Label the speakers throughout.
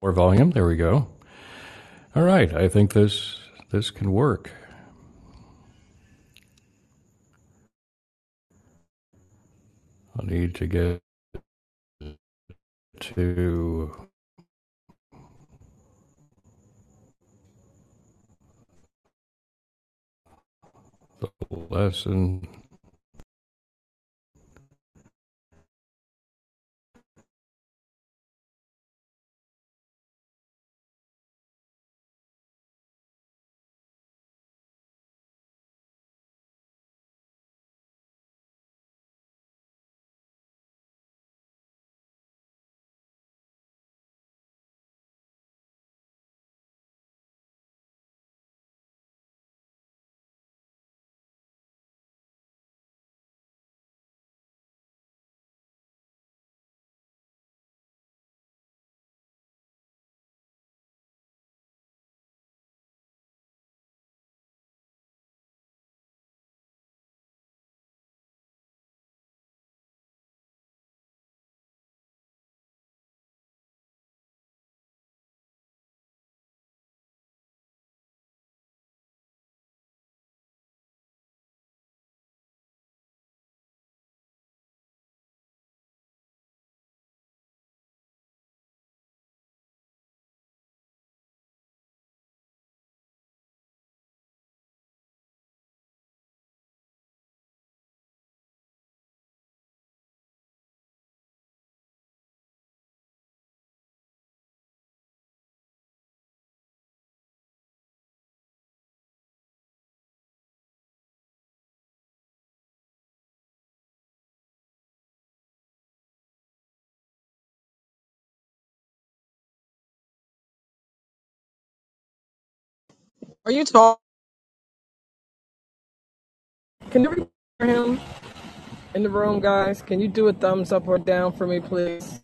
Speaker 1: More volume. There we go. All right. I think this this can work. I need to get to the lesson.
Speaker 2: Are you talking? Can you hear him in the room, guys? Can you do a thumbs up or down for me, please?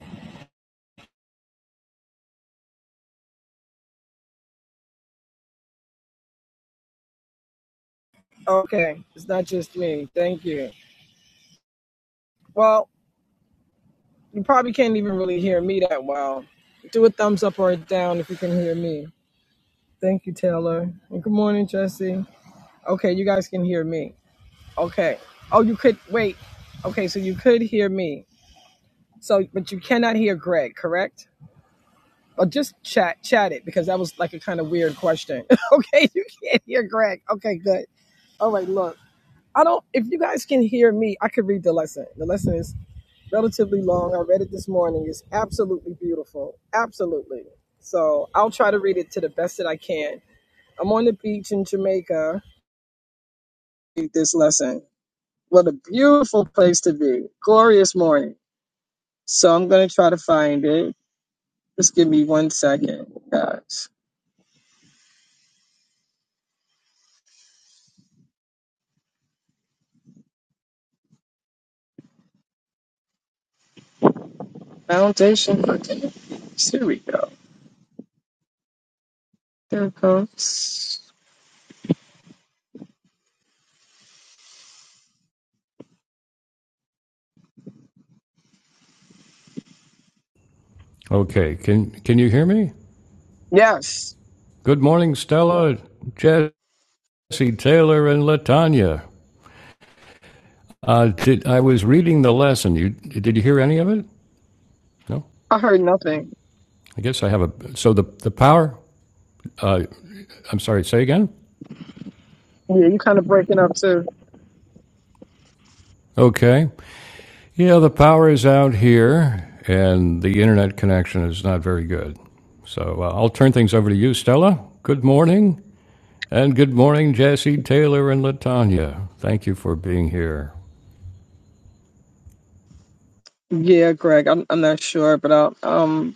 Speaker 2: Okay, it's not just me. Thank you. Well, you probably can't even really hear me that well. Do a thumbs up or a down if you can hear me. Thank you, Taylor. And good morning, Jesse. Okay, you guys can hear me. Okay. Oh, you could wait. Okay, so you could hear me. So, but you cannot hear Greg, correct? Or just chat, chat it because that was like a kind of weird question. okay, you can't hear Greg. Okay, good. All right, look. I don't if you guys can hear me, I could read the lesson. The lesson is relatively long. I read it this morning. It's absolutely beautiful. Absolutely. So I'll try to read it to the best that I can. I'm on the beach in Jamaica. Read this lesson. What a beautiful place to be. Glorious morning. So I'm gonna try to find it. Just give me one second, guys. Foundation for Kingdom Peace. Here we go. There it goes.
Speaker 1: Okay. Can can you hear me?
Speaker 2: Yes.
Speaker 1: Good morning, Stella, Jesse, Taylor, and Latanya. Uh, did, I was reading the lesson. You did you hear any of it? No.
Speaker 2: I heard nothing.
Speaker 1: I guess I have a. So the the power. Uh, I'm sorry. Say again.
Speaker 2: Yeah, you kind of breaking up too.
Speaker 1: Okay. Yeah, the power is out here, and the internet connection is not very good. So uh, I'll turn things over to you, Stella. Good morning, and good morning, Jesse, Taylor, and Latanya. Thank you for being here.
Speaker 2: Yeah, Greg, I'm I'm not sure, but I'll, I'm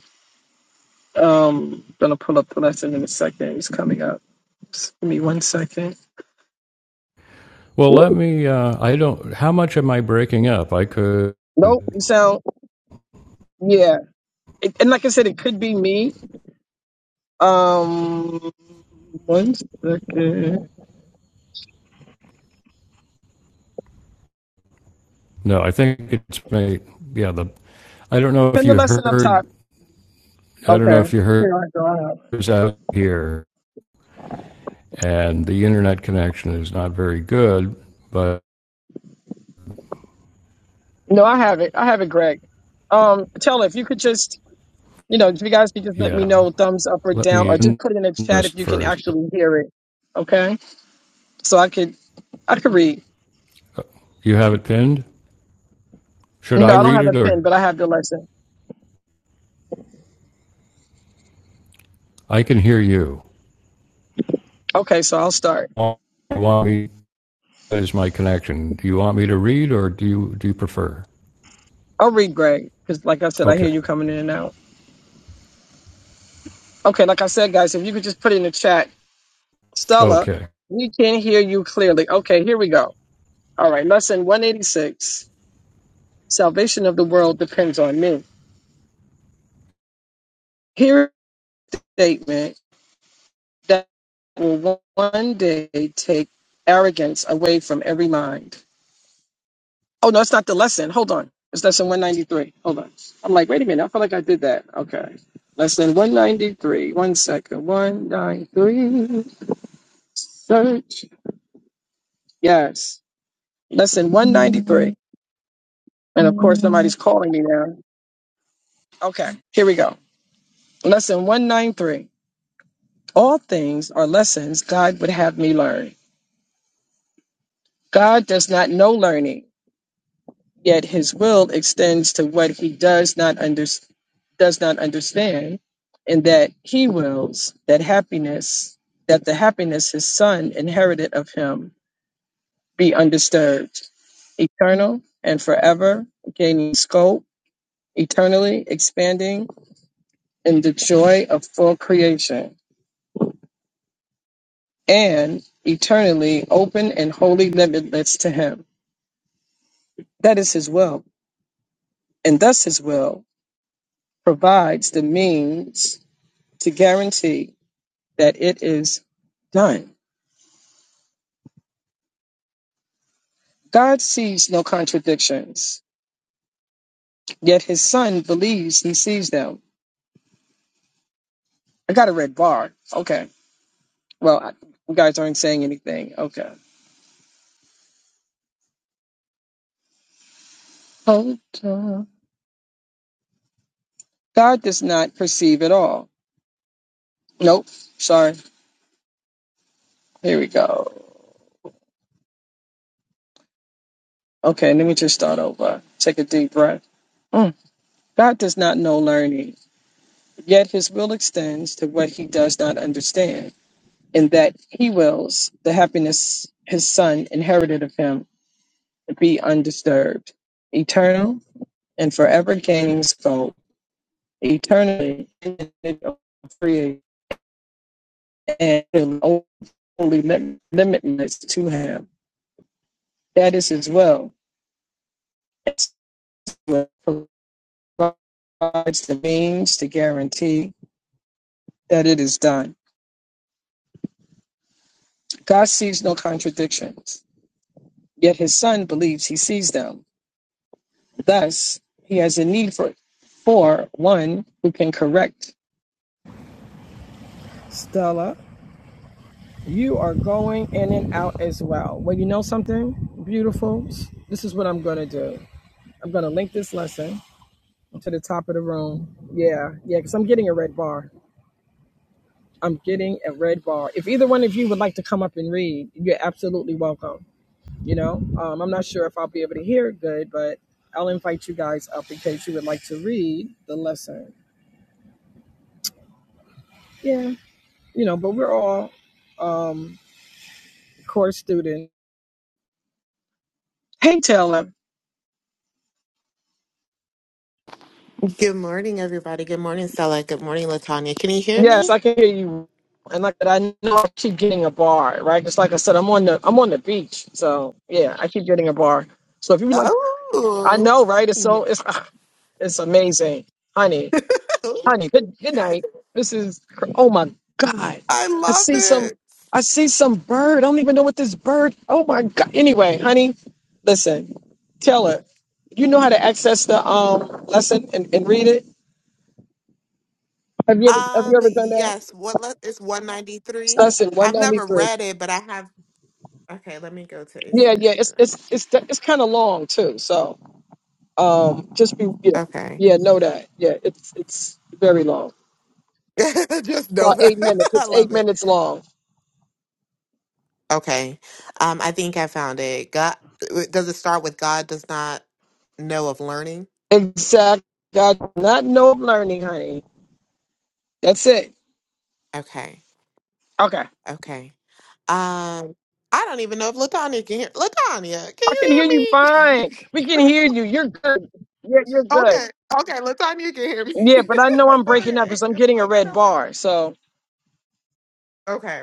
Speaker 2: um gonna pull up the lesson in a second. It's coming up. Just give me one second.
Speaker 1: Well,
Speaker 2: Woo.
Speaker 1: let me. Uh, I don't. How much am I breaking up? I could.
Speaker 2: Nope. You sound yeah. It, and like I said, it could be me. Um, one second.
Speaker 1: No, I think it's me. Yeah, the. I don't know if
Speaker 2: Pin the
Speaker 1: you
Speaker 2: lesson up top.
Speaker 1: heard. I don't
Speaker 2: Okay.
Speaker 1: know if you heard
Speaker 2: Here I go. I have it.
Speaker 1: is out here, and the internet connection is not very good. But
Speaker 2: No, I have it. I have it, Greg. Um, tell if you could just you know if you guys could just let me
Speaker 1: yeah.
Speaker 2: know thumbs up or
Speaker 1: Let
Speaker 2: down
Speaker 1: me
Speaker 2: or just
Speaker 1: in
Speaker 2: put it in the chat
Speaker 1: this
Speaker 2: if you can
Speaker 1: first.
Speaker 2: actually hear it. Okay, so I could I could read.
Speaker 1: You have it pinned? Should I
Speaker 2: No, I don't
Speaker 1: read
Speaker 2: have
Speaker 1: it
Speaker 2: a pen,
Speaker 1: or
Speaker 2: but I have the lesson.
Speaker 1: I can hear you?
Speaker 2: Okay, so I'll start.
Speaker 1: You want me that is my connection. Do you want me to read or do you do you prefer?
Speaker 2: I'll read Greg because, like I said, I
Speaker 1: Okay.
Speaker 2: hear you coming in and out. Okay, like I said, guys, if you could just put in the chat, Stella,
Speaker 1: Okay.
Speaker 2: we can hear you clearly. Okay, here we go. All right, lesson 186 Salvation of the world depends on me. Here is a statement that will one day take arrogance away from every mind. Oh no, it's not the lesson. Hold on. It's lesson 193. Hold on. I'm like, wait a minute. I feel like I did that. Okay. Lesson 193. One second. 193. Search. Yes. Lesson 193. And of course, somebody's calling me now. Okay. Here we go. Lesson 193. All things are lessons God would have me learn. God does not know learning. Yet his will extends to what he does not under, does not understand, and that he wills that happiness that the happiness his son inherited of him be undisturbed, eternal and forever, gaining scope, eternally expanding in the joy of full creation, and eternally open and wholly limitless to him. That is his will, and thus his will provides the means to guarantee that it is done. God sees no contradictions, yet his son believes he sees them. I got a red bar. Okay. Well, I, you guys aren't saying anything. Okay. Hold on. God does not perceive at all. Nope. Sorry. Here we go. Okay. Let me just start over. Take a deep breath. Mm. God does not know learning, yet his will extends to what he does not understand, in that he wills the happiness his son inherited of him be undisturbed, eternal and forever gaining scope, eternally free and only limitless to him. That is his will. It's provides the means to guarantee that it is done. God sees no contradictions, yet his son believes he sees them. Thus, he has a need for, for one who can correct Stella. You are going in and out as well. Well, you know something beautiful? This is what I'm going to do. I'm going to link this lesson to the top of the room. Yeah, yeah, because I'm getting a red bar. I'm getting a red bar. If either one of you would like to come up and read, you're absolutely welcome. You know, um, I'm not sure if I'll be able to hear it good, but I'll invite you guys up in case you would like to read the lesson. Yeah, you know, but we're all um, course students. Hey, Taylor.
Speaker 3: Good morning, everybody. Good morning, Stella. Good morning, Latanya. Can you hear
Speaker 2: Yes, I
Speaker 3: me?
Speaker 2: can hear you. And like I said, I know I keep getting a bar, right? Just like I said, I'm on the I'm on the beach, so yeah, I keep getting a bar. So if you would like, I
Speaker 3: Oh,
Speaker 2: know, right? It's so it's it's amazing, honey, honey. Good good night. This is cr- oh my god.
Speaker 3: I
Speaker 2: I
Speaker 3: love
Speaker 2: see some
Speaker 3: it.
Speaker 2: I see some bird. I don't even know what this bird. Oh my god. Anyway, honey, listen, tell her. You know how to access the um lesson and, and read it. Have you ever have you
Speaker 3: Um,
Speaker 2: ever done that?
Speaker 3: yes. What le- is one ninety
Speaker 2: It's
Speaker 3: three?
Speaker 2: lesson one
Speaker 3: I've
Speaker 2: ninety
Speaker 3: never
Speaker 2: three.
Speaker 3: read it, but I have. Okay, let me go to
Speaker 2: Yeah, yeah, it's
Speaker 3: ACM.
Speaker 2: it's it's it's kind of long too. So, um, just be yeah,
Speaker 3: Okay,
Speaker 2: yeah, know that. Yeah, it's it's very long.
Speaker 3: just know
Speaker 2: About
Speaker 3: that
Speaker 2: eight minutes.
Speaker 3: I
Speaker 2: It's eight
Speaker 3: love it.
Speaker 2: minutes long.
Speaker 3: Okay, um, I think I found it. God, does it start with God does not know of learning?
Speaker 2: Exactly. Not no learning, honey. That's it.
Speaker 3: Okay.
Speaker 2: Okay.
Speaker 3: Okay. Um, I don't even know if Latanya can hear. Latanya, can
Speaker 2: I can hear you
Speaker 3: you hear
Speaker 2: fine.
Speaker 3: me?
Speaker 2: We can hear
Speaker 3: Girl.
Speaker 2: you. You're good. Yeah, you're good.
Speaker 3: Okay. Okay. Latanya can hear me.
Speaker 2: Yeah, but I know I'm breaking up
Speaker 3: okay.
Speaker 2: because I'm
Speaker 3: I'm
Speaker 2: getting a
Speaker 3: like I
Speaker 2: red
Speaker 3: don't like her.
Speaker 2: bar. So
Speaker 3: Okay.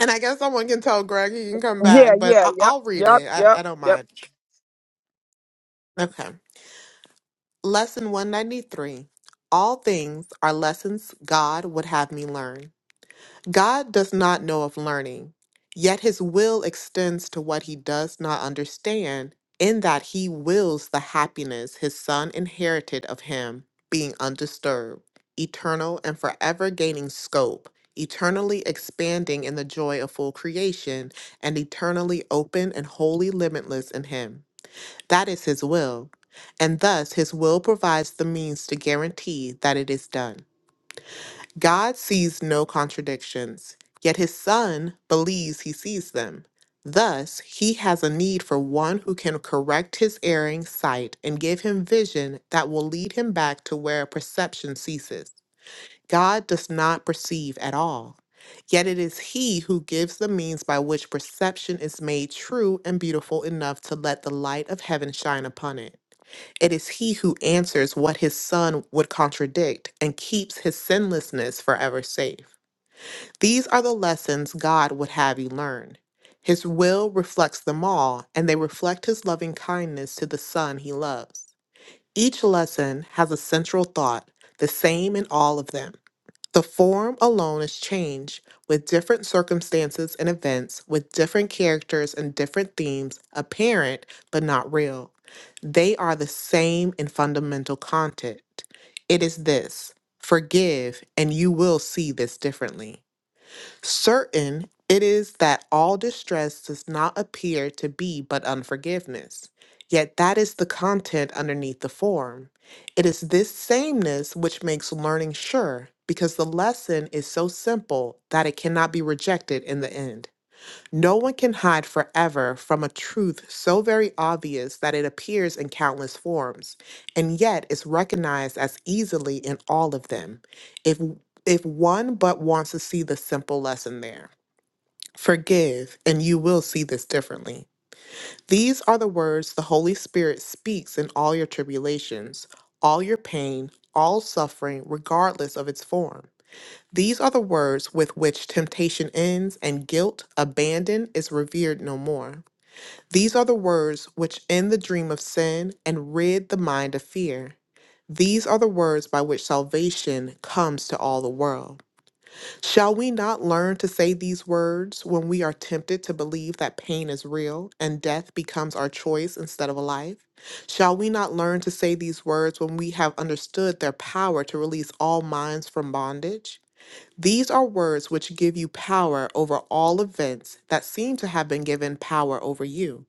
Speaker 3: And I guess someone can tell Greg he can come
Speaker 2: yeah,
Speaker 3: back, but
Speaker 2: yeah,
Speaker 3: I-
Speaker 2: yep,
Speaker 3: I'll read
Speaker 2: yep,
Speaker 3: it. I-,
Speaker 2: yep,
Speaker 3: I don't
Speaker 2: yep.
Speaker 3: mind. Okay. Lesson 193. All things are lessons God would have me learn. God does not know of learning, yet his will extends to what he does not understand, in that he wills the happiness his son inherited of him, being undisturbed, eternal and forever gaining scope, eternally expanding in the joy of full creation, and eternally open and wholly limitless in him. That is his will. And thus, his will provides the means to guarantee that it is done. God sees no contradictions, yet his son believes he sees them. Thus, he has a need for one who can correct his erring sight and give him vision that will lead him back to where perception ceases. God does not perceive at all, yet it is he who gives the means by which perception is made true and beautiful enough to let the light of heaven shine upon it. It is he who answers what his son would contradict and keeps his sinlessness forever safe. These are the lessons God would have you learn. His will reflects them all, and they reflect his loving kindness to the son he loves. Each lesson has a central thought, the same in all of them. The form alone is change, with different circumstances and events, with different characters and different themes, apparent but not real. They are the same in fundamental content. It is this forgive, and you will see this differently. Certain it is that all distress does not appear to be but unforgiveness. Yet that is the content underneath the form. It is this sameness which makes learning sure, because the lesson is so simple that it cannot be rejected in the end. No one can hide forever from a truth so very obvious that it appears in countless forms, and yet is recognized as easily in all of them, if if one but wants to see the simple lesson there. Forgive, and you will see this differently. These are the words the Holy Spirit speaks in all your tribulations, all your pain, all suffering, regardless of its form. These are the words with which temptation ends and guilt, abandon, is revered no more. These are the words which end the dream of sin and rid the mind of fear. These are the words by which salvation comes to all the world. Shall we not learn to say these words when we are tempted to believe that pain is real and death becomes our choice instead of a life? Shall we not learn to say these words when we have understood their power to release all minds from bondage? These are words which give you power over all events that seem to have been given power over you.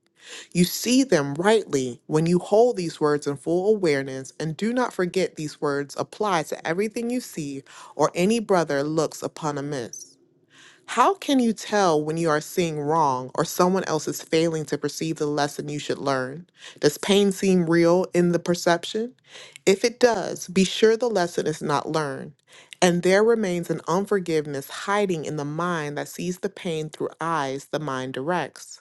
Speaker 3: You see them rightly when you hold these words in full awareness and do not forget these words apply to everything you see or any brother looks upon amiss. How can you tell when you are seeing wrong or someone else is failing to perceive the lesson you should learn? Does pain seem real in the perception? If it does, be sure the lesson is not learned, and there remains an unforgiveness hiding in the mind that sees the pain through eyes the mind directs.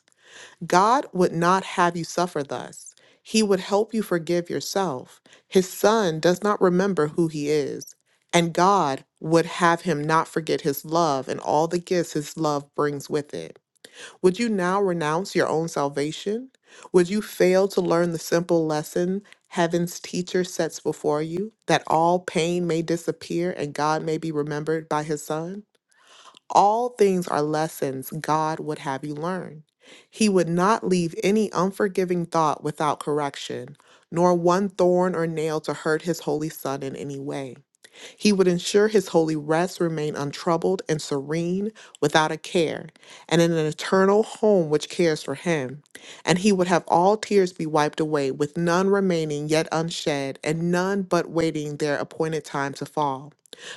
Speaker 3: God would not have you suffer thus. He would help you forgive yourself. His son does not remember who he is, and God would have him not forget his love and all the gifts his love brings with it. Would you now renounce your own salvation? Would you fail to learn the simple lesson heaven's teacher sets before you that all pain may disappear and God may be remembered by his son? All things are lessons God would have you learn. He would not leave any unforgiving thought without correction, nor one thorn or nail to hurt his holy son in any way. He would ensure his holy rest remained untroubled and serene, without a care, and in an eternal home which cares for him. And he would have all tears be wiped away, with none remaining yet unshed, and none but waiting their appointed time to fall.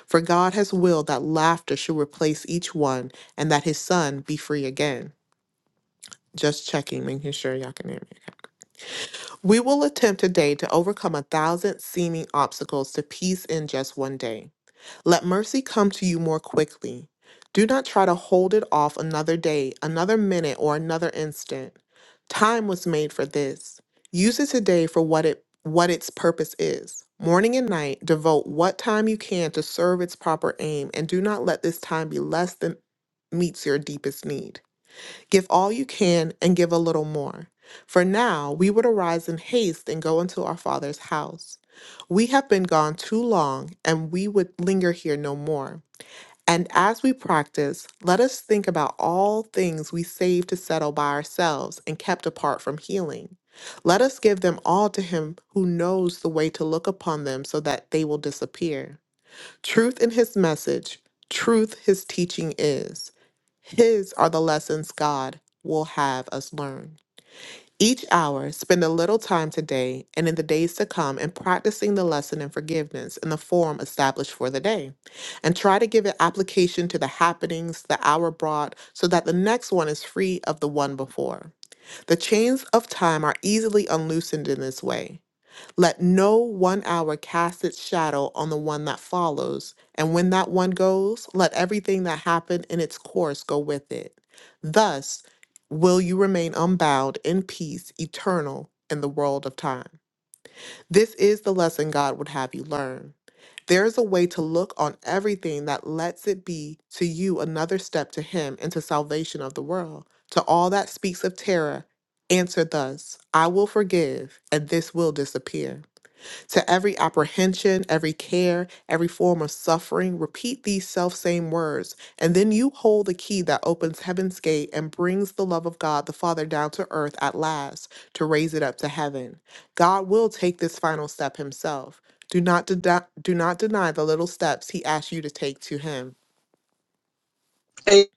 Speaker 3: For God has willed that laughter should replace each one, and that his son be free again. Just checking, making sure y'all can hear me. okay. We will attempt today to overcome a thousand seeming obstacles to peace in just one day. Let mercy come to you more quickly. Do not try to hold it off another day, another minute, or another instant. Time was made for this. Use it today for what it what its purpose is. Morning and night, devote what time you can to serve its proper aim, and do not let this time be less than meets your deepest need. Give all you can and give a little more. For now we would arise in haste and go into our father's house. We have been gone too long, and we would linger here no more. And as we practice, let us think about all things we saved to settle by ourselves and kept apart from healing. Let us give them all to him who knows the way to look upon them so that they will disappear. Truth in his message, truth his teaching is. His are the lessons God will have us learn. Each hour, spend a little time today and in the days to come in practicing the lesson in forgiveness in the form established for the day. And try to give it application to the happenings the hour brought so that the next one is free of the one before. The chains of time are easily unloosened in this way. Let no one hour cast its shadow on the one that follows, and when that one goes, let everything that happened in its course go with it. Thus will you remain unbound in peace, eternal in the world of time. This is the lesson God would have you learn. There is a way to look on everything that lets it be to you another step to Him and to salvation of the world. To all that speaks of terror, answer thus I will forgive, and this will disappear to every apprehension, every care, every form of suffering, repeat these self same words, and then you hold the key that opens heaven's gate and brings the love of God the Father down to earth at last to raise it up to heaven. God will take this final step himself. Do not, deny do not deny the little steps he asks you to take to him.
Speaker 2: Hey,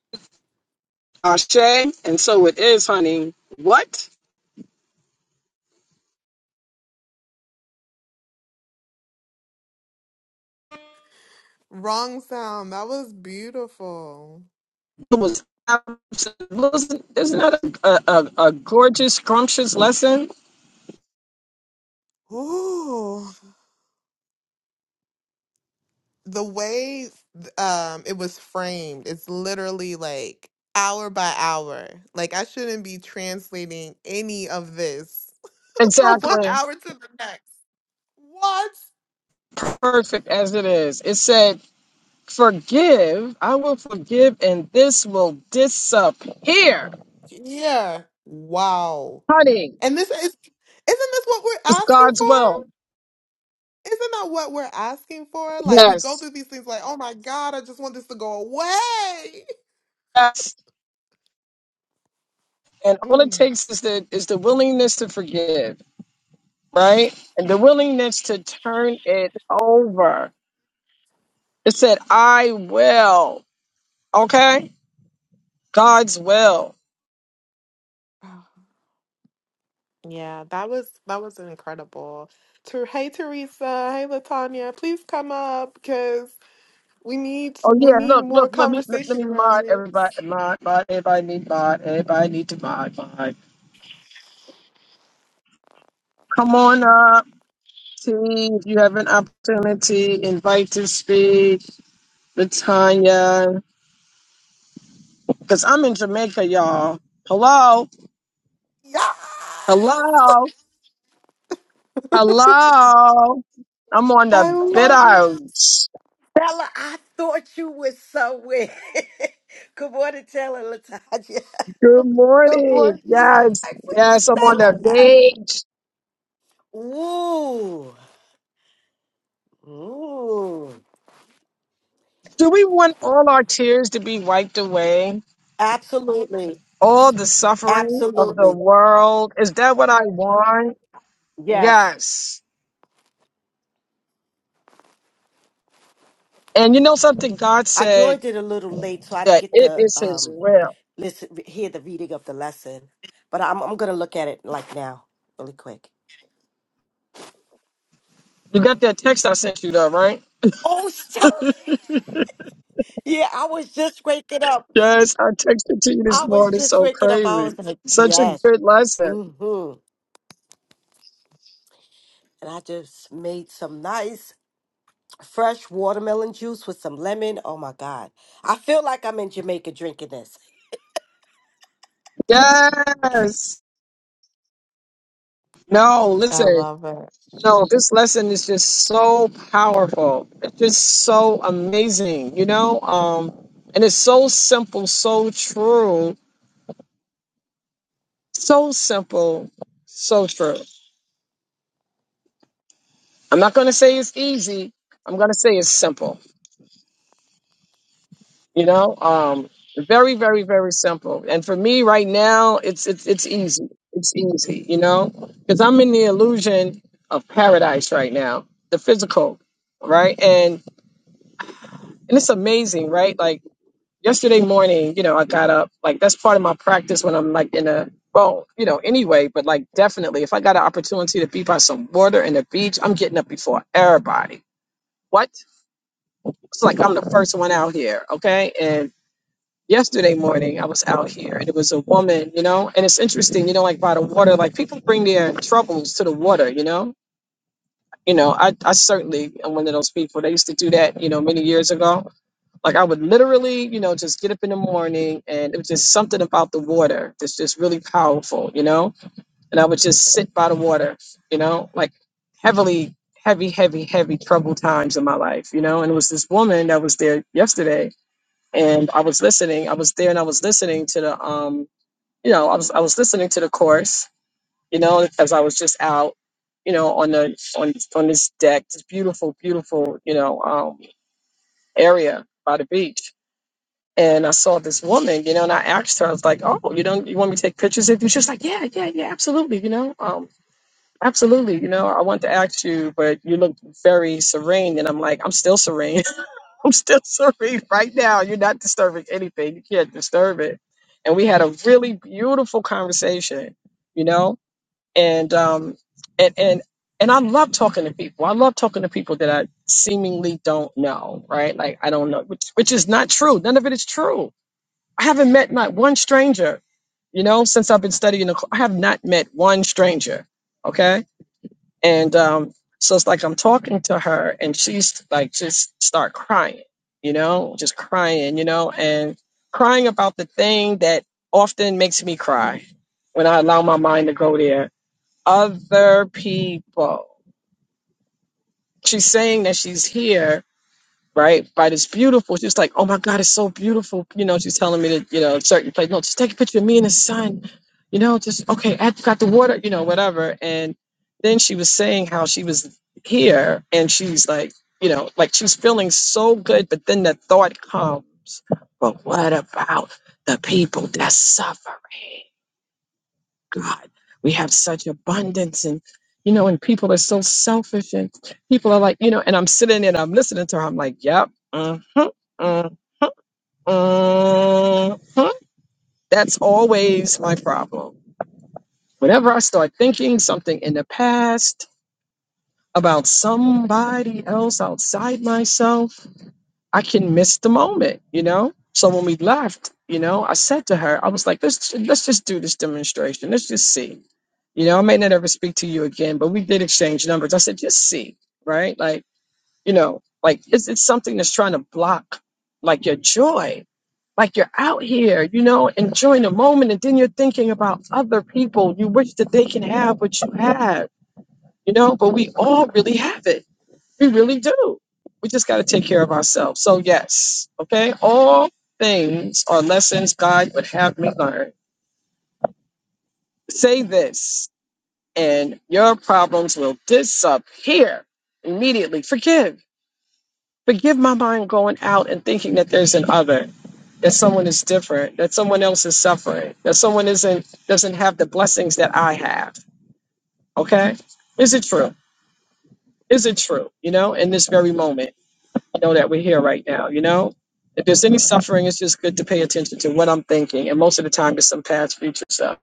Speaker 2: Ashe, and so it is, honey. What?
Speaker 3: Wrong sound. That was beautiful.
Speaker 2: was absent. Wasn't there's not a, a, a, a gorgeous, scrumptious lesson?
Speaker 3: Ooh. the way um it was framed it's literally like hour by hour like i shouldn't be translating any of this from one
Speaker 2: Exactly.
Speaker 3: hour to the next what
Speaker 2: Perfect as it is. It said, Forgive, I will forgive, and this will disappear.
Speaker 3: yeah wow
Speaker 2: Honey,
Speaker 3: and this is isn't this what we're
Speaker 2: it's
Speaker 3: asking
Speaker 2: God's will.
Speaker 3: for isn't that what we're asking for like we go
Speaker 2: Yes.
Speaker 3: through these things like oh my god i just want this to go away
Speaker 2: Yes. And all it takes is the is the willingness to forgive, right? And the willingness to turn it over. It said, I will. Okay? God's will.
Speaker 3: mm. Yeah, that was that was incredible. To hey Teresa, hey Latanya, please come up because we need
Speaker 2: Oh
Speaker 3: we
Speaker 2: yeah,
Speaker 3: need
Speaker 2: look,
Speaker 3: more
Speaker 2: look, let me let, let
Speaker 3: conversation
Speaker 2: me
Speaker 3: around
Speaker 2: mod
Speaker 3: this.
Speaker 2: everybody mod mod everybody need mod. Everybody need to mod mod. Come on up. See if you have an opportunity, invite to speak, Latanya. Because I'm in Jamaica, y'all. Hello?
Speaker 3: Yes,
Speaker 2: Hello? Hello? I'm on
Speaker 3: I
Speaker 2: the bit
Speaker 3: love
Speaker 2: out.
Speaker 3: it.
Speaker 4: Bella, I thought you were somewhere. Good morning, Taylor Latanya.
Speaker 2: Good
Speaker 3: Good
Speaker 2: morning.
Speaker 3: morning.
Speaker 4: I'm
Speaker 2: Yes.
Speaker 4: like, where's
Speaker 2: Yes, I'm on
Speaker 4: Bella
Speaker 2: the
Speaker 4: at?
Speaker 2: beach.
Speaker 4: Ooh. Ooh.
Speaker 2: Do we want all our tears to be wiped away?
Speaker 4: Absolutely.
Speaker 2: all the suffering of the
Speaker 4: Absolutely.
Speaker 2: world. Is that what I want?
Speaker 4: Yes.
Speaker 2: Yes. And you know something? God
Speaker 4: I
Speaker 2: said
Speaker 4: joined it a little late, so I didn't
Speaker 2: that
Speaker 4: get
Speaker 2: it
Speaker 4: to
Speaker 2: is His
Speaker 4: um
Speaker 2: will.
Speaker 4: listen hear the reading of the lesson. But I'm I'm gonna look at it like now, really quick.
Speaker 2: You got that text I sent you, though, right?
Speaker 4: Oh stop. Yeah, I was just waking up.
Speaker 2: Yes, I texted to you this
Speaker 4: I was
Speaker 2: morning.
Speaker 4: just
Speaker 2: So
Speaker 4: waking up. I was
Speaker 2: crazy.
Speaker 4: like,
Speaker 2: Such a
Speaker 4: yes.
Speaker 2: good lesson.
Speaker 4: Mm-hmm. and I just made some nice fresh watermelon juice with some lemon. Oh my god, I feel like I'm in Jamaica drinking this.
Speaker 2: Yes. No,
Speaker 3: I
Speaker 2: listen.
Speaker 3: love it.
Speaker 2: No, this lesson is just so powerful. It's just so amazing, you know? Um, and it's so simple, so true So simple, so true. I'm not going to say it's easy. I'm going to say it's simple. You know, um, very, very, very simple. And for me right now, it's it's it's easy. It's easy. You know, because I'm in the illusion of paradise right now, the physical, right? And and it's amazing, right? Like yesterday morning, you know, I got up. Like that's part of my practice when I'm like in a well, you know, anyway, but like definitely if I got an opportunity to be by some water and a beach, I'm getting up before everybody. What? It's like I'm the first one out here, okay? And yesterday morning I was out here and it was a woman, you know, and it's interesting, you know, like by the water, like people bring their troubles to the water, you know? You know, I, I certainly am one of those people. They used to do that, you know, many years ago Like I would literally, you know, just get up in the morning and it was just something about the water that's just really powerful, you know? And I would just sit by the water, you know, like heavily, heavy, heavy, heavy troubled times in my life, you know? And it was this woman that was there yesterday and I was listening. I was there and I was listening to the um, you know, I was I was listening to the course, you know, as I was just out, you know, on the on on this deck, this beautiful, beautiful, you know, um area by the beach and I saw this woman, you know, and I asked her, I was like, "Oh, you know, you want me to take pictures of you?" She was like, "Yeah, yeah, yeah, absolutely, you know, um, absolutely, you know, I want to ask you, but you look very serene," and I'm like, "I'm still serene, I'm still serene right now. You're not disturbing anything. You can't disturb it." And we had a really beautiful conversation, you know, and um, and and and I love talking to people. I love talking to people that I seemingly don't know, right? Like I don't know, which which is not true. None of it is true I haven't met not one stranger, you know, since I've been studying. The, I have not met one stranger. Okay. And um, so it's like I'm talking to her and she's like, just start crying, you know, just crying, you know, and crying about the thing that often makes me cry when I allow my mind to go there. Other people. She's saying that she's here right? By this beautiful, she's like, oh my God, it's so beautiful. You know, she's telling me that, you know, certain place. No, just take a picture of me and the sun. You know, just okay, I got the water, you know, whatever. And then she was saying how she was here and she's like, you know, like she's feeling so good, but then the thought comes, but what about the people that's suffering? God. We have such abundance and you know, and people are so selfish and people are like, you know, and I'm sitting and I'm listening to her. I'm like, yep. mhm, mm mhm. That's always my problem. Whenever I start thinking something in the past about somebody else outside myself, I can miss the moment, you know? So when we left, you know, I said to her, I was like, let's let's just do this demonstration. Let's just see. You know, I may not ever speak to you again, but we did exchange numbers. I said, just see, right? Like, you know, like it's it's something that's trying to block like your joy. Like you're out here, you know, enjoying the moment, and then you're thinking about other people. You wish that they can have what you have, you know, but we all really have it we really do. We just got to take care of ourselves. So, yes, okay, all things are lessons God would have me learn. Say this, and your problems will disappear immediately. Forgive. Forgive my mind going out and thinking that there's an other, that someone is different, that someone else is suffering, that someone isn't doesn't have the blessings that I have. Okay? Is it true? Is it true? You know, in this very moment. I know that we're here right now, you know? If there's any suffering, it's just good to pay attention to what I'm thinking. And most of the time, it's some past future stuff.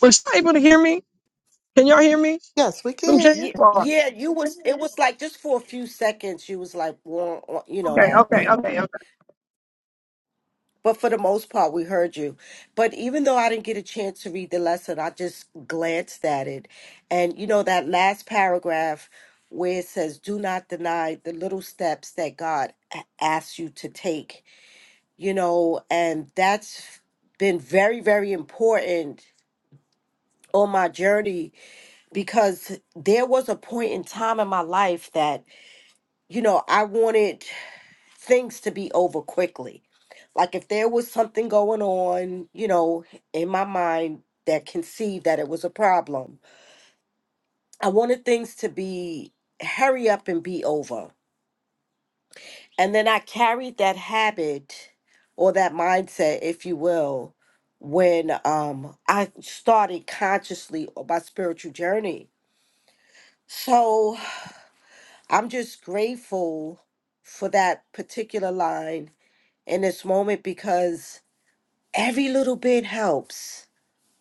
Speaker 2: Was you able to hear me? Can y'all hear me?
Speaker 3: Yes, we
Speaker 2: From J-
Speaker 3: can.
Speaker 4: Yeah, yeah, you was. It was like just for a few seconds, you was like, "Wah, wah," you know
Speaker 2: Okay,
Speaker 4: that
Speaker 2: okay,
Speaker 4: thing.
Speaker 2: okay, okay.
Speaker 4: But for the most part, we heard you. But even though I didn't get a chance to read the lesson, I just glanced at it, and you know that last paragraph where it says, "Do not deny the little steps that God a- asks you to take." you know, and that's been very, very important on my journey because there was a point in time in my life that, you know, I wanted things to be over quickly. Like if there was something going on, you know, in my mind that conceived that it was a problem, I wanted things to be hurry up and be over And then I carried that habit or that mindset, if you will, when um, I started consciously on my spiritual journey. So I'm just grateful for that particular line in this moment because every little bit helps.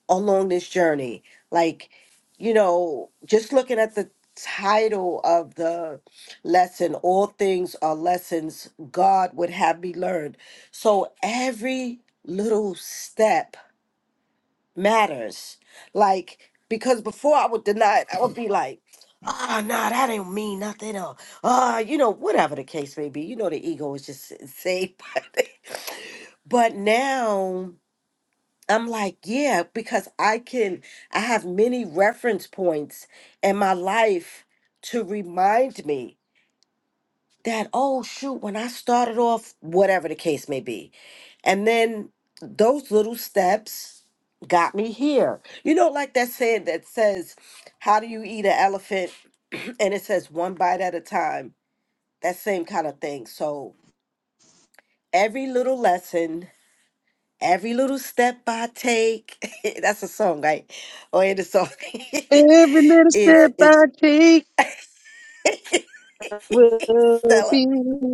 Speaker 4: along this journey. Like, you know, just looking at the title of the lesson, All Things Are Lessons God Would Have Me Learned. So every little step matters. Like, because before I would deny it, I would be like, Ah, no, nah, that ain't mean nothing. Or, ah, you know, whatever the case may be. You know, the ego is just insane. But, but now. I'm like, yeah, because I can, I have many reference points in my life to remind me that, oh, shoot, when I started off, whatever the case may be. And then those little steps got me here. You know, like that saying that says, how do you eat an elephant? And it says one bite at a time. That same kind of thing. So every little lesson Every little step I take, that's a song, right? Or in the song
Speaker 2: Every little
Speaker 4: is
Speaker 2: step
Speaker 4: is
Speaker 2: I take will
Speaker 4: Stella.
Speaker 2: be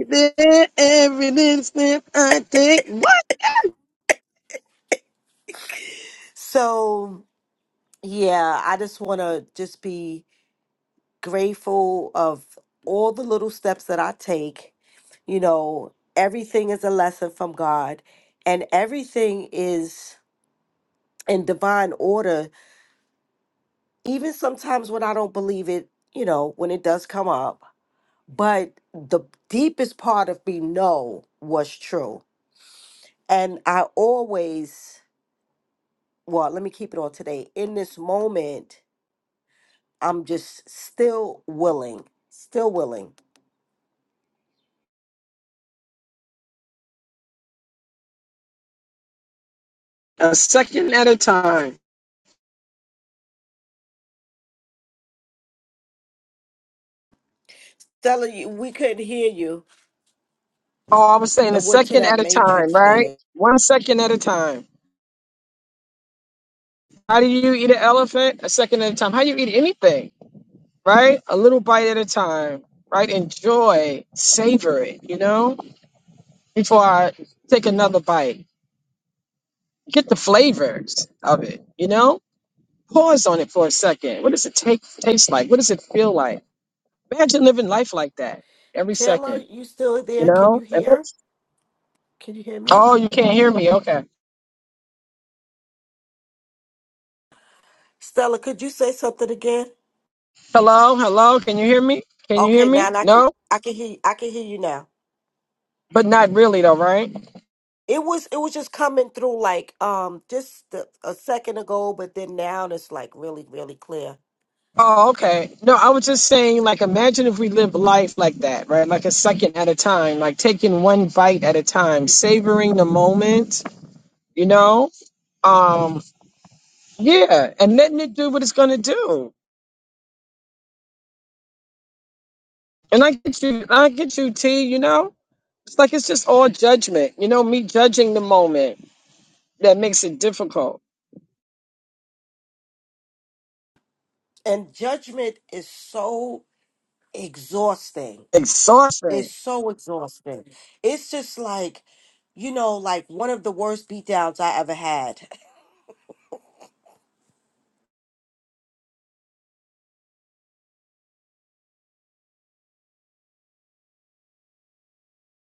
Speaker 2: there. Every little step I take. What?
Speaker 4: So yeah, I just want to just be grateful of all the little steps that I take. You know, everything is a lesson from God, and everything is in divine order. Even sometimes when I don't believe it, you know, when it does come up, but the deepest part of me know was true And I always, well, let me keep it on today. In this moment, I'm just still willing, still willing.
Speaker 2: A second at a time.
Speaker 4: Stella, you- we couldn't hear you.
Speaker 2: Oh, I was saying a
Speaker 4: And what to
Speaker 2: second
Speaker 4: that
Speaker 2: at a time,
Speaker 4: matrix
Speaker 2: right?
Speaker 4: thing?
Speaker 2: One second at a time. How do you eat an elephant? A second at a time. How do you eat anything? right? A little bite at a time, right? Enjoy, savor it, you know, before I take another bite. Get the flavors of it, you know? Pause on it for a second. What does it take, taste like? What does it feel like? Imagine living life like that every
Speaker 4: Taylor,
Speaker 2: second,
Speaker 4: you still
Speaker 2: you
Speaker 4: there? Can you
Speaker 2: know? And
Speaker 4: hear?
Speaker 2: that's-
Speaker 4: Can you hear me?
Speaker 2: oh, you can't hear me. Okay.
Speaker 4: Stella, could you say something again?
Speaker 2: Hello, hello. Can you hear me? Can you hear
Speaker 4: Okay, now
Speaker 2: me?
Speaker 4: I can
Speaker 2: No,
Speaker 4: I can hear I can hear you now.
Speaker 2: but not really, though, right?
Speaker 4: It was it was just coming through like um just the, a second ago, but then now it's like really really clear.
Speaker 2: Oh, okay. No, I was just saying, like, imagine if we lived life like that, right? Like a second at a time, like taking one bite at a time, savoring the moment, you know? Um, yeah, and letting it do what it's gonna do. And I get you, I get you, T, you know? It's like it's just all judgment, you know, me judging the moment that makes it difficult.
Speaker 4: And judgment is so exhausting.
Speaker 2: Exhausting.
Speaker 4: It's so exhausting. It's just like, you know, like one of the worst beatdowns I ever had.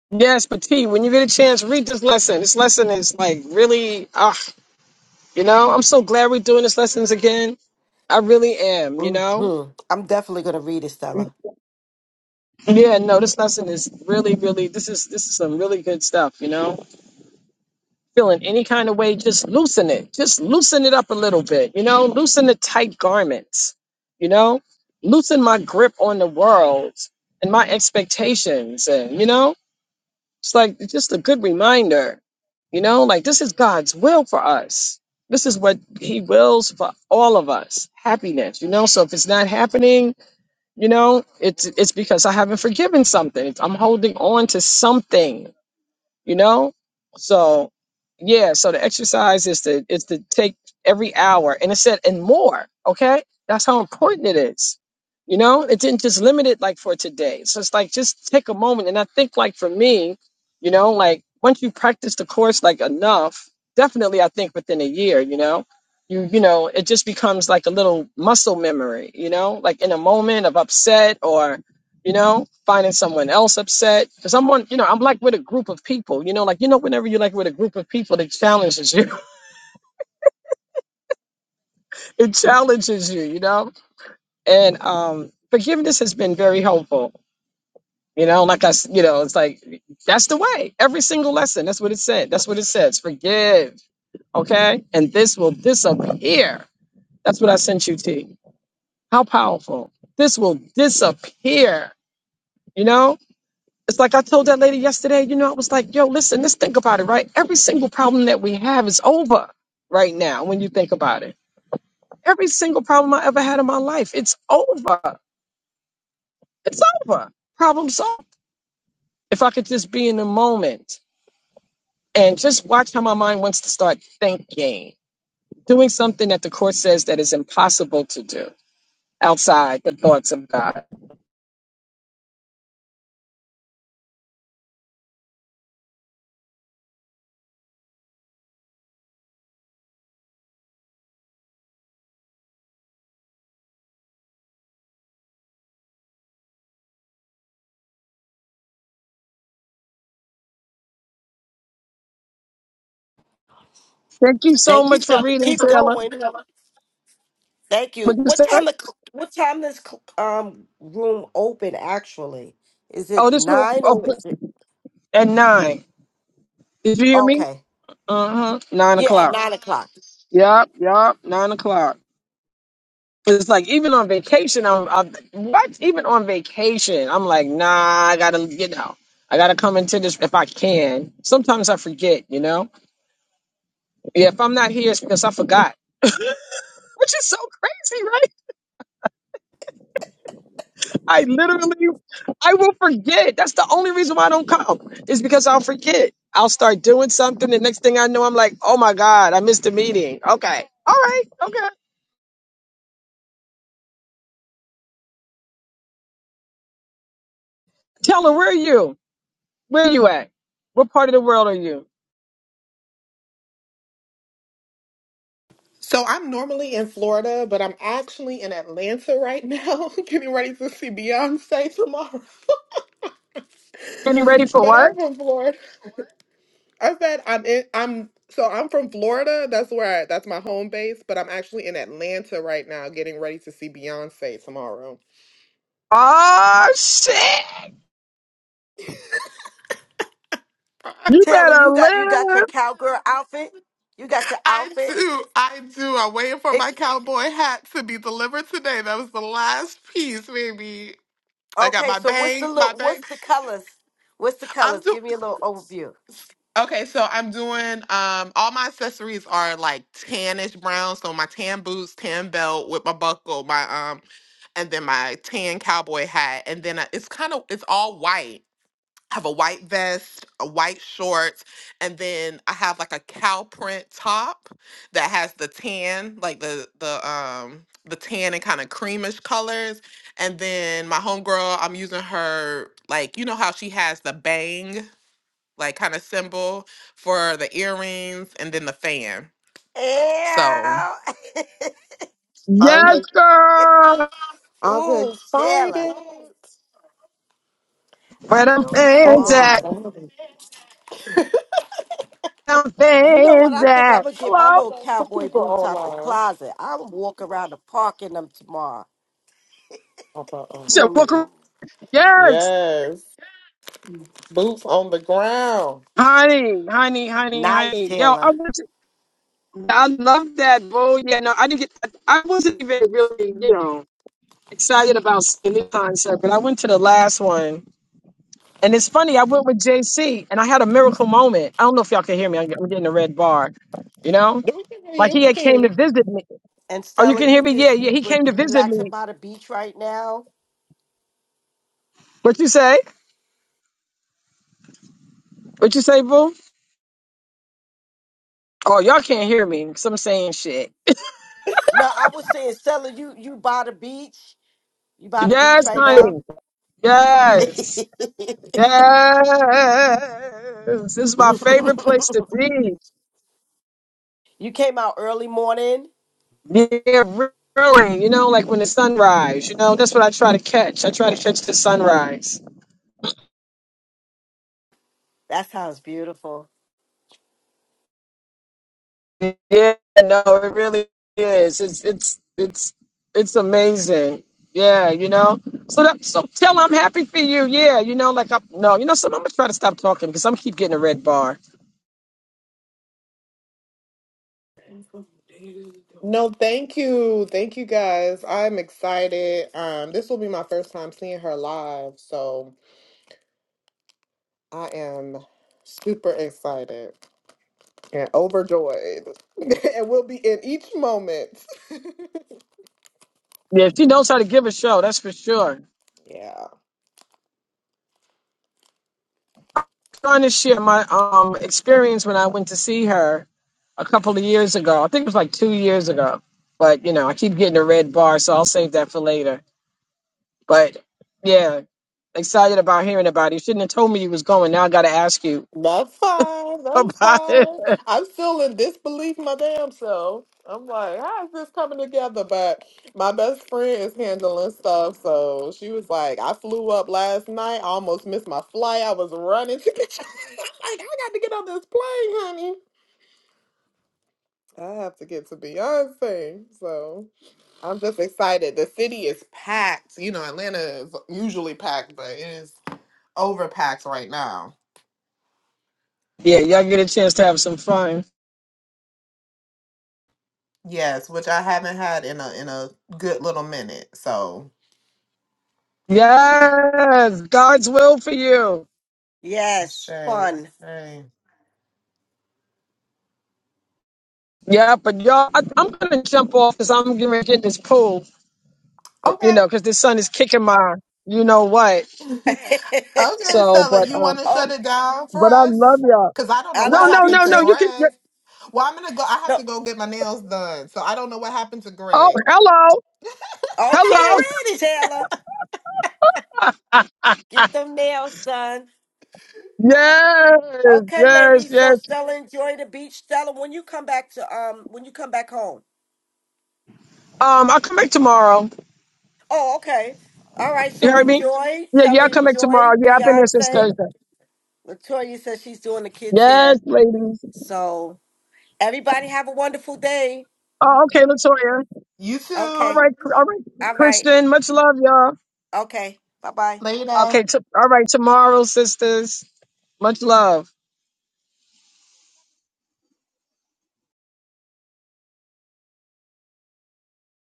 Speaker 2: Yes, but T, when you get a chance, read this lesson. This lesson is like really, ugh. You know, I'm so glad we're doing this lessons again. I really am, you
Speaker 4: hmm
Speaker 2: know?
Speaker 4: I'm definitely gonna read it, Stella.
Speaker 2: Yeah, no, this lesson is really, really this is this is some really good stuff, you know. Feeling any kind of way, just loosen it. Just loosen it up a little bit, you know, loosen the tight garments, you know, loosen my grip on the world and my expectations and you know, It's like it's just a good reminder, you know, like this is God's will for us. This is what He wills for all of us, happiness, you know. So if it's not happening, you know, it's it's because I haven't forgiven something. It's, I'm holding on to something you know so yeah so the exercise is to is to take every hour and it said and more okay that's how important it is you know it didn't just limit it like for today so it's like just take a moment and i think like for me you know like once you practice the course like enough definitely i think within a year you know you you know it just becomes like a little muscle memory you know like in a moment of upset or you know, finding someone else upset. Because I'm on, you know, I'm like with a group of people, you know, like, you know, whenever you're like with a group of people, it challenges you. it challenges you, you know? And um, forgiveness has been very helpful. You know, like I, s- you know, it's like that's the way. Every single lesson, that's what it said. That's what it says. Forgive, okay? And this will disappear. That's what I sent you, T. How powerful! This will disappear. You know, It's like I told that lady yesterday, you know, I was like, yo, listen, let's think about it, right? Every single problem that we have is over right now when you think about it. Every single problem I ever had in my life, it's over. It's over. Problem solved. If I could just be in the moment and just watch how my mind wants to start thinking, doing something that the court says that is impossible to do outside the thoughts of God. Thank you so
Speaker 4: Thank you,
Speaker 2: much for
Speaker 4: Stella.
Speaker 2: reading,
Speaker 4: Keep
Speaker 2: Taylor.
Speaker 4: going. Thank you.
Speaker 2: What you
Speaker 4: What
Speaker 2: said?
Speaker 4: time? The, cl- what time does cl- um room open? Actually, is
Speaker 2: Oh,
Speaker 4: it
Speaker 2: this room
Speaker 4: nine or
Speaker 2: open
Speaker 4: is it?
Speaker 2: at nine. Did you hear me?
Speaker 4: Okay,
Speaker 2: Uh-huh. Nine
Speaker 4: yeah, at
Speaker 2: o'clock.
Speaker 4: nine o'clock.
Speaker 2: Yep, nine o'clock. It's like even on vacation, I'm, I'm what? Even on vacation, I'm like, nah, I gotta, you know, I gotta come into this if I can. Sometimes I forget, you know. Yeah, if I'm not here, it's because I forgot, which is so crazy, right? I literally, I will forget. That's the only reason why I don't come is because I'll forget. I'll start doing something, the next thing I know, I'm like, oh my god, I missed a meeting. Okay, all right, okay. Taylor, where are you? Where you at? What part of the world are you?
Speaker 3: So I'm normally in Florida, but I'm actually in Atlanta right now, getting ready to see Beyonce tomorrow.
Speaker 2: Getting ready for
Speaker 3: but
Speaker 2: what?
Speaker 3: I'm from Florida. I said I'm in I'm so I'm from Florida. That's where I, that's my home base, but I'm actually in Atlanta right now getting ready to see Beyonce tomorrow.
Speaker 2: Oh shit!
Speaker 4: Taylor, you got you got your cowgirl outfit. You got your
Speaker 3: I
Speaker 4: outfit.
Speaker 3: do. I do. I'm waiting for my cowboy hat to be delivered today. That was the last piece, baby. I got
Speaker 4: Okay,
Speaker 3: my
Speaker 4: so what's the
Speaker 3: bank, my
Speaker 4: look? What's
Speaker 3: bank.
Speaker 4: the colors? What's the
Speaker 3: I'm
Speaker 4: colors?
Speaker 3: do.
Speaker 4: Give me a little overview.
Speaker 3: Okay, so I'm doing um all my accessories are like tannish brown. So my tan boots, tan belt with my buckle, my um and then my tan cowboy hat, and then I, it's kind of it's all white. I have a white vest, a white shorts, and then I have like a cow print top that has the tan, like the the um the tan and kind of creamish colors. And then my homegirl, I'm using her like you know how she has the bang like kind of symbol for the earrings and then the fan. So
Speaker 4: Ew.
Speaker 3: I'm
Speaker 2: Yes,
Speaker 3: like,
Speaker 2: girl.
Speaker 3: I,
Speaker 4: Ooh, Taylor, I
Speaker 2: Where them
Speaker 4: know you
Speaker 3: I
Speaker 2: fans
Speaker 3: make it
Speaker 2: at?
Speaker 4: are.
Speaker 3: sound
Speaker 2: Where Them
Speaker 4: You know what?
Speaker 2: fans
Speaker 4: I think I'm
Speaker 2: at?
Speaker 4: gonna get my
Speaker 2: Hello.
Speaker 4: little cowboy boots out the closet. I'm walking around the park in them tomorrow.
Speaker 3: about, um,
Speaker 2: So
Speaker 3: hold
Speaker 2: welcome.
Speaker 3: on.
Speaker 2: Yes,
Speaker 3: Yes. Boots on the ground.
Speaker 2: honey, honey, honey,
Speaker 4: Nice,
Speaker 2: honey. Yo, I
Speaker 4: Taylor.
Speaker 2: was. I love that, boo. Yeah, no, I didn't get. I wasn't even really,
Speaker 3: No,
Speaker 2: you know, excited about seeing the concert, but I went to the last one. And it's funny, I went with JC and I had a miracle moment. I don't know if y'all can hear me. I'm I'm getting a red bar, you know?
Speaker 3: We can hear
Speaker 2: Like
Speaker 3: you.
Speaker 2: he
Speaker 3: We
Speaker 2: had
Speaker 3: can hear
Speaker 2: came to
Speaker 3: you.
Speaker 2: visit me.
Speaker 4: And
Speaker 2: Oh, you
Speaker 4: Stella,
Speaker 2: can hear
Speaker 4: you
Speaker 2: me? Yeah,
Speaker 4: just
Speaker 2: yeah.
Speaker 4: you
Speaker 2: He
Speaker 4: re-
Speaker 2: came to
Speaker 4: you
Speaker 2: visit
Speaker 4: relaxing
Speaker 2: me.
Speaker 4: by the beach right now?
Speaker 2: What you say? What you say, boo? Oh, y'all can't hear me. me 'cause I'm saying shit.
Speaker 4: No, I was saying, Stella, you you by the beach. You by the beach
Speaker 2: Yes,
Speaker 4: right now?
Speaker 2: honey. Yes. Yes. This is my favorite place to be.
Speaker 4: You came out early morning.
Speaker 2: Yeah, really. You know, like when the sun rise, you know, that's what I try to catch. I try to catch the sunrise.
Speaker 4: That sounds beautiful.
Speaker 2: Yeah, no, it really is. It's it's it's it's amazing. Yeah, you know. So that so tell her I'm happy for you. Yeah, you know, like I no, you know, so I'm gonna try to stop talking because I'm keep getting a red bar.
Speaker 3: No, thank you. Thank you guys. I'm excited. Um, this will be my first time seeing her live, so I am super excited and overjoyed. and we'll be in each moment.
Speaker 2: Yeah, she knows how to give a show, that's for sure.
Speaker 3: yeah.
Speaker 2: Trying to share my um experience when I went to see her a couple of years ago. I think it was like two years ago. But you know, I keep getting a red bar, so I'll save that for later. But yeah, excited about hearing about it. You shouldn't have told me you was going. Now I gotta ask you
Speaker 3: That's fine. That's
Speaker 2: about it.
Speaker 3: fine. I'm still in disbelief my damn self. I'm like, how is this coming together? But my best friend is handling stuff. So she was like, I flew up last night. I almost missed my flight. I was running to get like, I got to get on this plane, honey. I have to get to Beyonce. So I'm just excited. The city is packed. You know, Atlanta is usually packed, but it is overpacked right now.
Speaker 2: Yeah, y'all get a chance to have some fun.
Speaker 3: Yes, which I haven't had in a in a good little minute. So
Speaker 2: Yes, God's will for you.
Speaker 3: Ashe,
Speaker 4: Yes, fun.
Speaker 3: Ashe.
Speaker 2: Yeah, but y'all, I, I'm gonna jump off because I'm gonna get in this pool. You
Speaker 3: Okay.
Speaker 2: know, because the sun is kicking my, you know what.
Speaker 3: okay,
Speaker 2: So,
Speaker 3: Stella,
Speaker 2: but
Speaker 3: you
Speaker 2: um,
Speaker 3: wanna
Speaker 4: oh,
Speaker 3: shut it down for
Speaker 2: but I love
Speaker 3: us?
Speaker 2: y'all.
Speaker 3: Cause I don't know
Speaker 4: I
Speaker 2: No,
Speaker 3: what
Speaker 4: love
Speaker 2: no,
Speaker 4: you
Speaker 3: happened
Speaker 2: no,
Speaker 3: to
Speaker 2: no.
Speaker 4: too.
Speaker 2: You can.
Speaker 3: Greg. Well, I'm gonna go I have
Speaker 4: No,
Speaker 3: to go get my nails done. So I don't know what happened to
Speaker 2: Oh,
Speaker 3: Greg.
Speaker 2: hello,
Speaker 3: I gotta
Speaker 2: hello.
Speaker 4: okay,
Speaker 3: get ready.
Speaker 4: Taylor, get them nails done.
Speaker 2: Yes,
Speaker 4: Okay,
Speaker 2: yes,
Speaker 4: ladies. So
Speaker 2: yes.
Speaker 4: Stella, enjoy the beach. Stella, when you come back to um, when you come back home.
Speaker 2: Um, I'll come back tomorrow.
Speaker 4: Oh, okay. All right.
Speaker 2: You
Speaker 4: So
Speaker 2: heard me?
Speaker 4: enjoy.
Speaker 2: Yeah, yeah.
Speaker 4: Taylor,
Speaker 2: I'll come back
Speaker 4: enjoy.
Speaker 2: tomorrow. Yeah, I've been here since
Speaker 4: Beyonce.
Speaker 2: Thursday.
Speaker 4: Latoya says she's doing the kids here.
Speaker 2: Yes, ladies.
Speaker 4: So everybody have a wonderful day.
Speaker 2: Oh, okay, Latoya.
Speaker 3: You
Speaker 2: All
Speaker 4: Okay.
Speaker 3: too.
Speaker 2: right, all right,
Speaker 4: All right.
Speaker 2: Christian. Much love, y'all.
Speaker 4: Okay. Bye bye.
Speaker 3: Later.
Speaker 2: Okay, t- all right, tomorrow, sisters. Much love.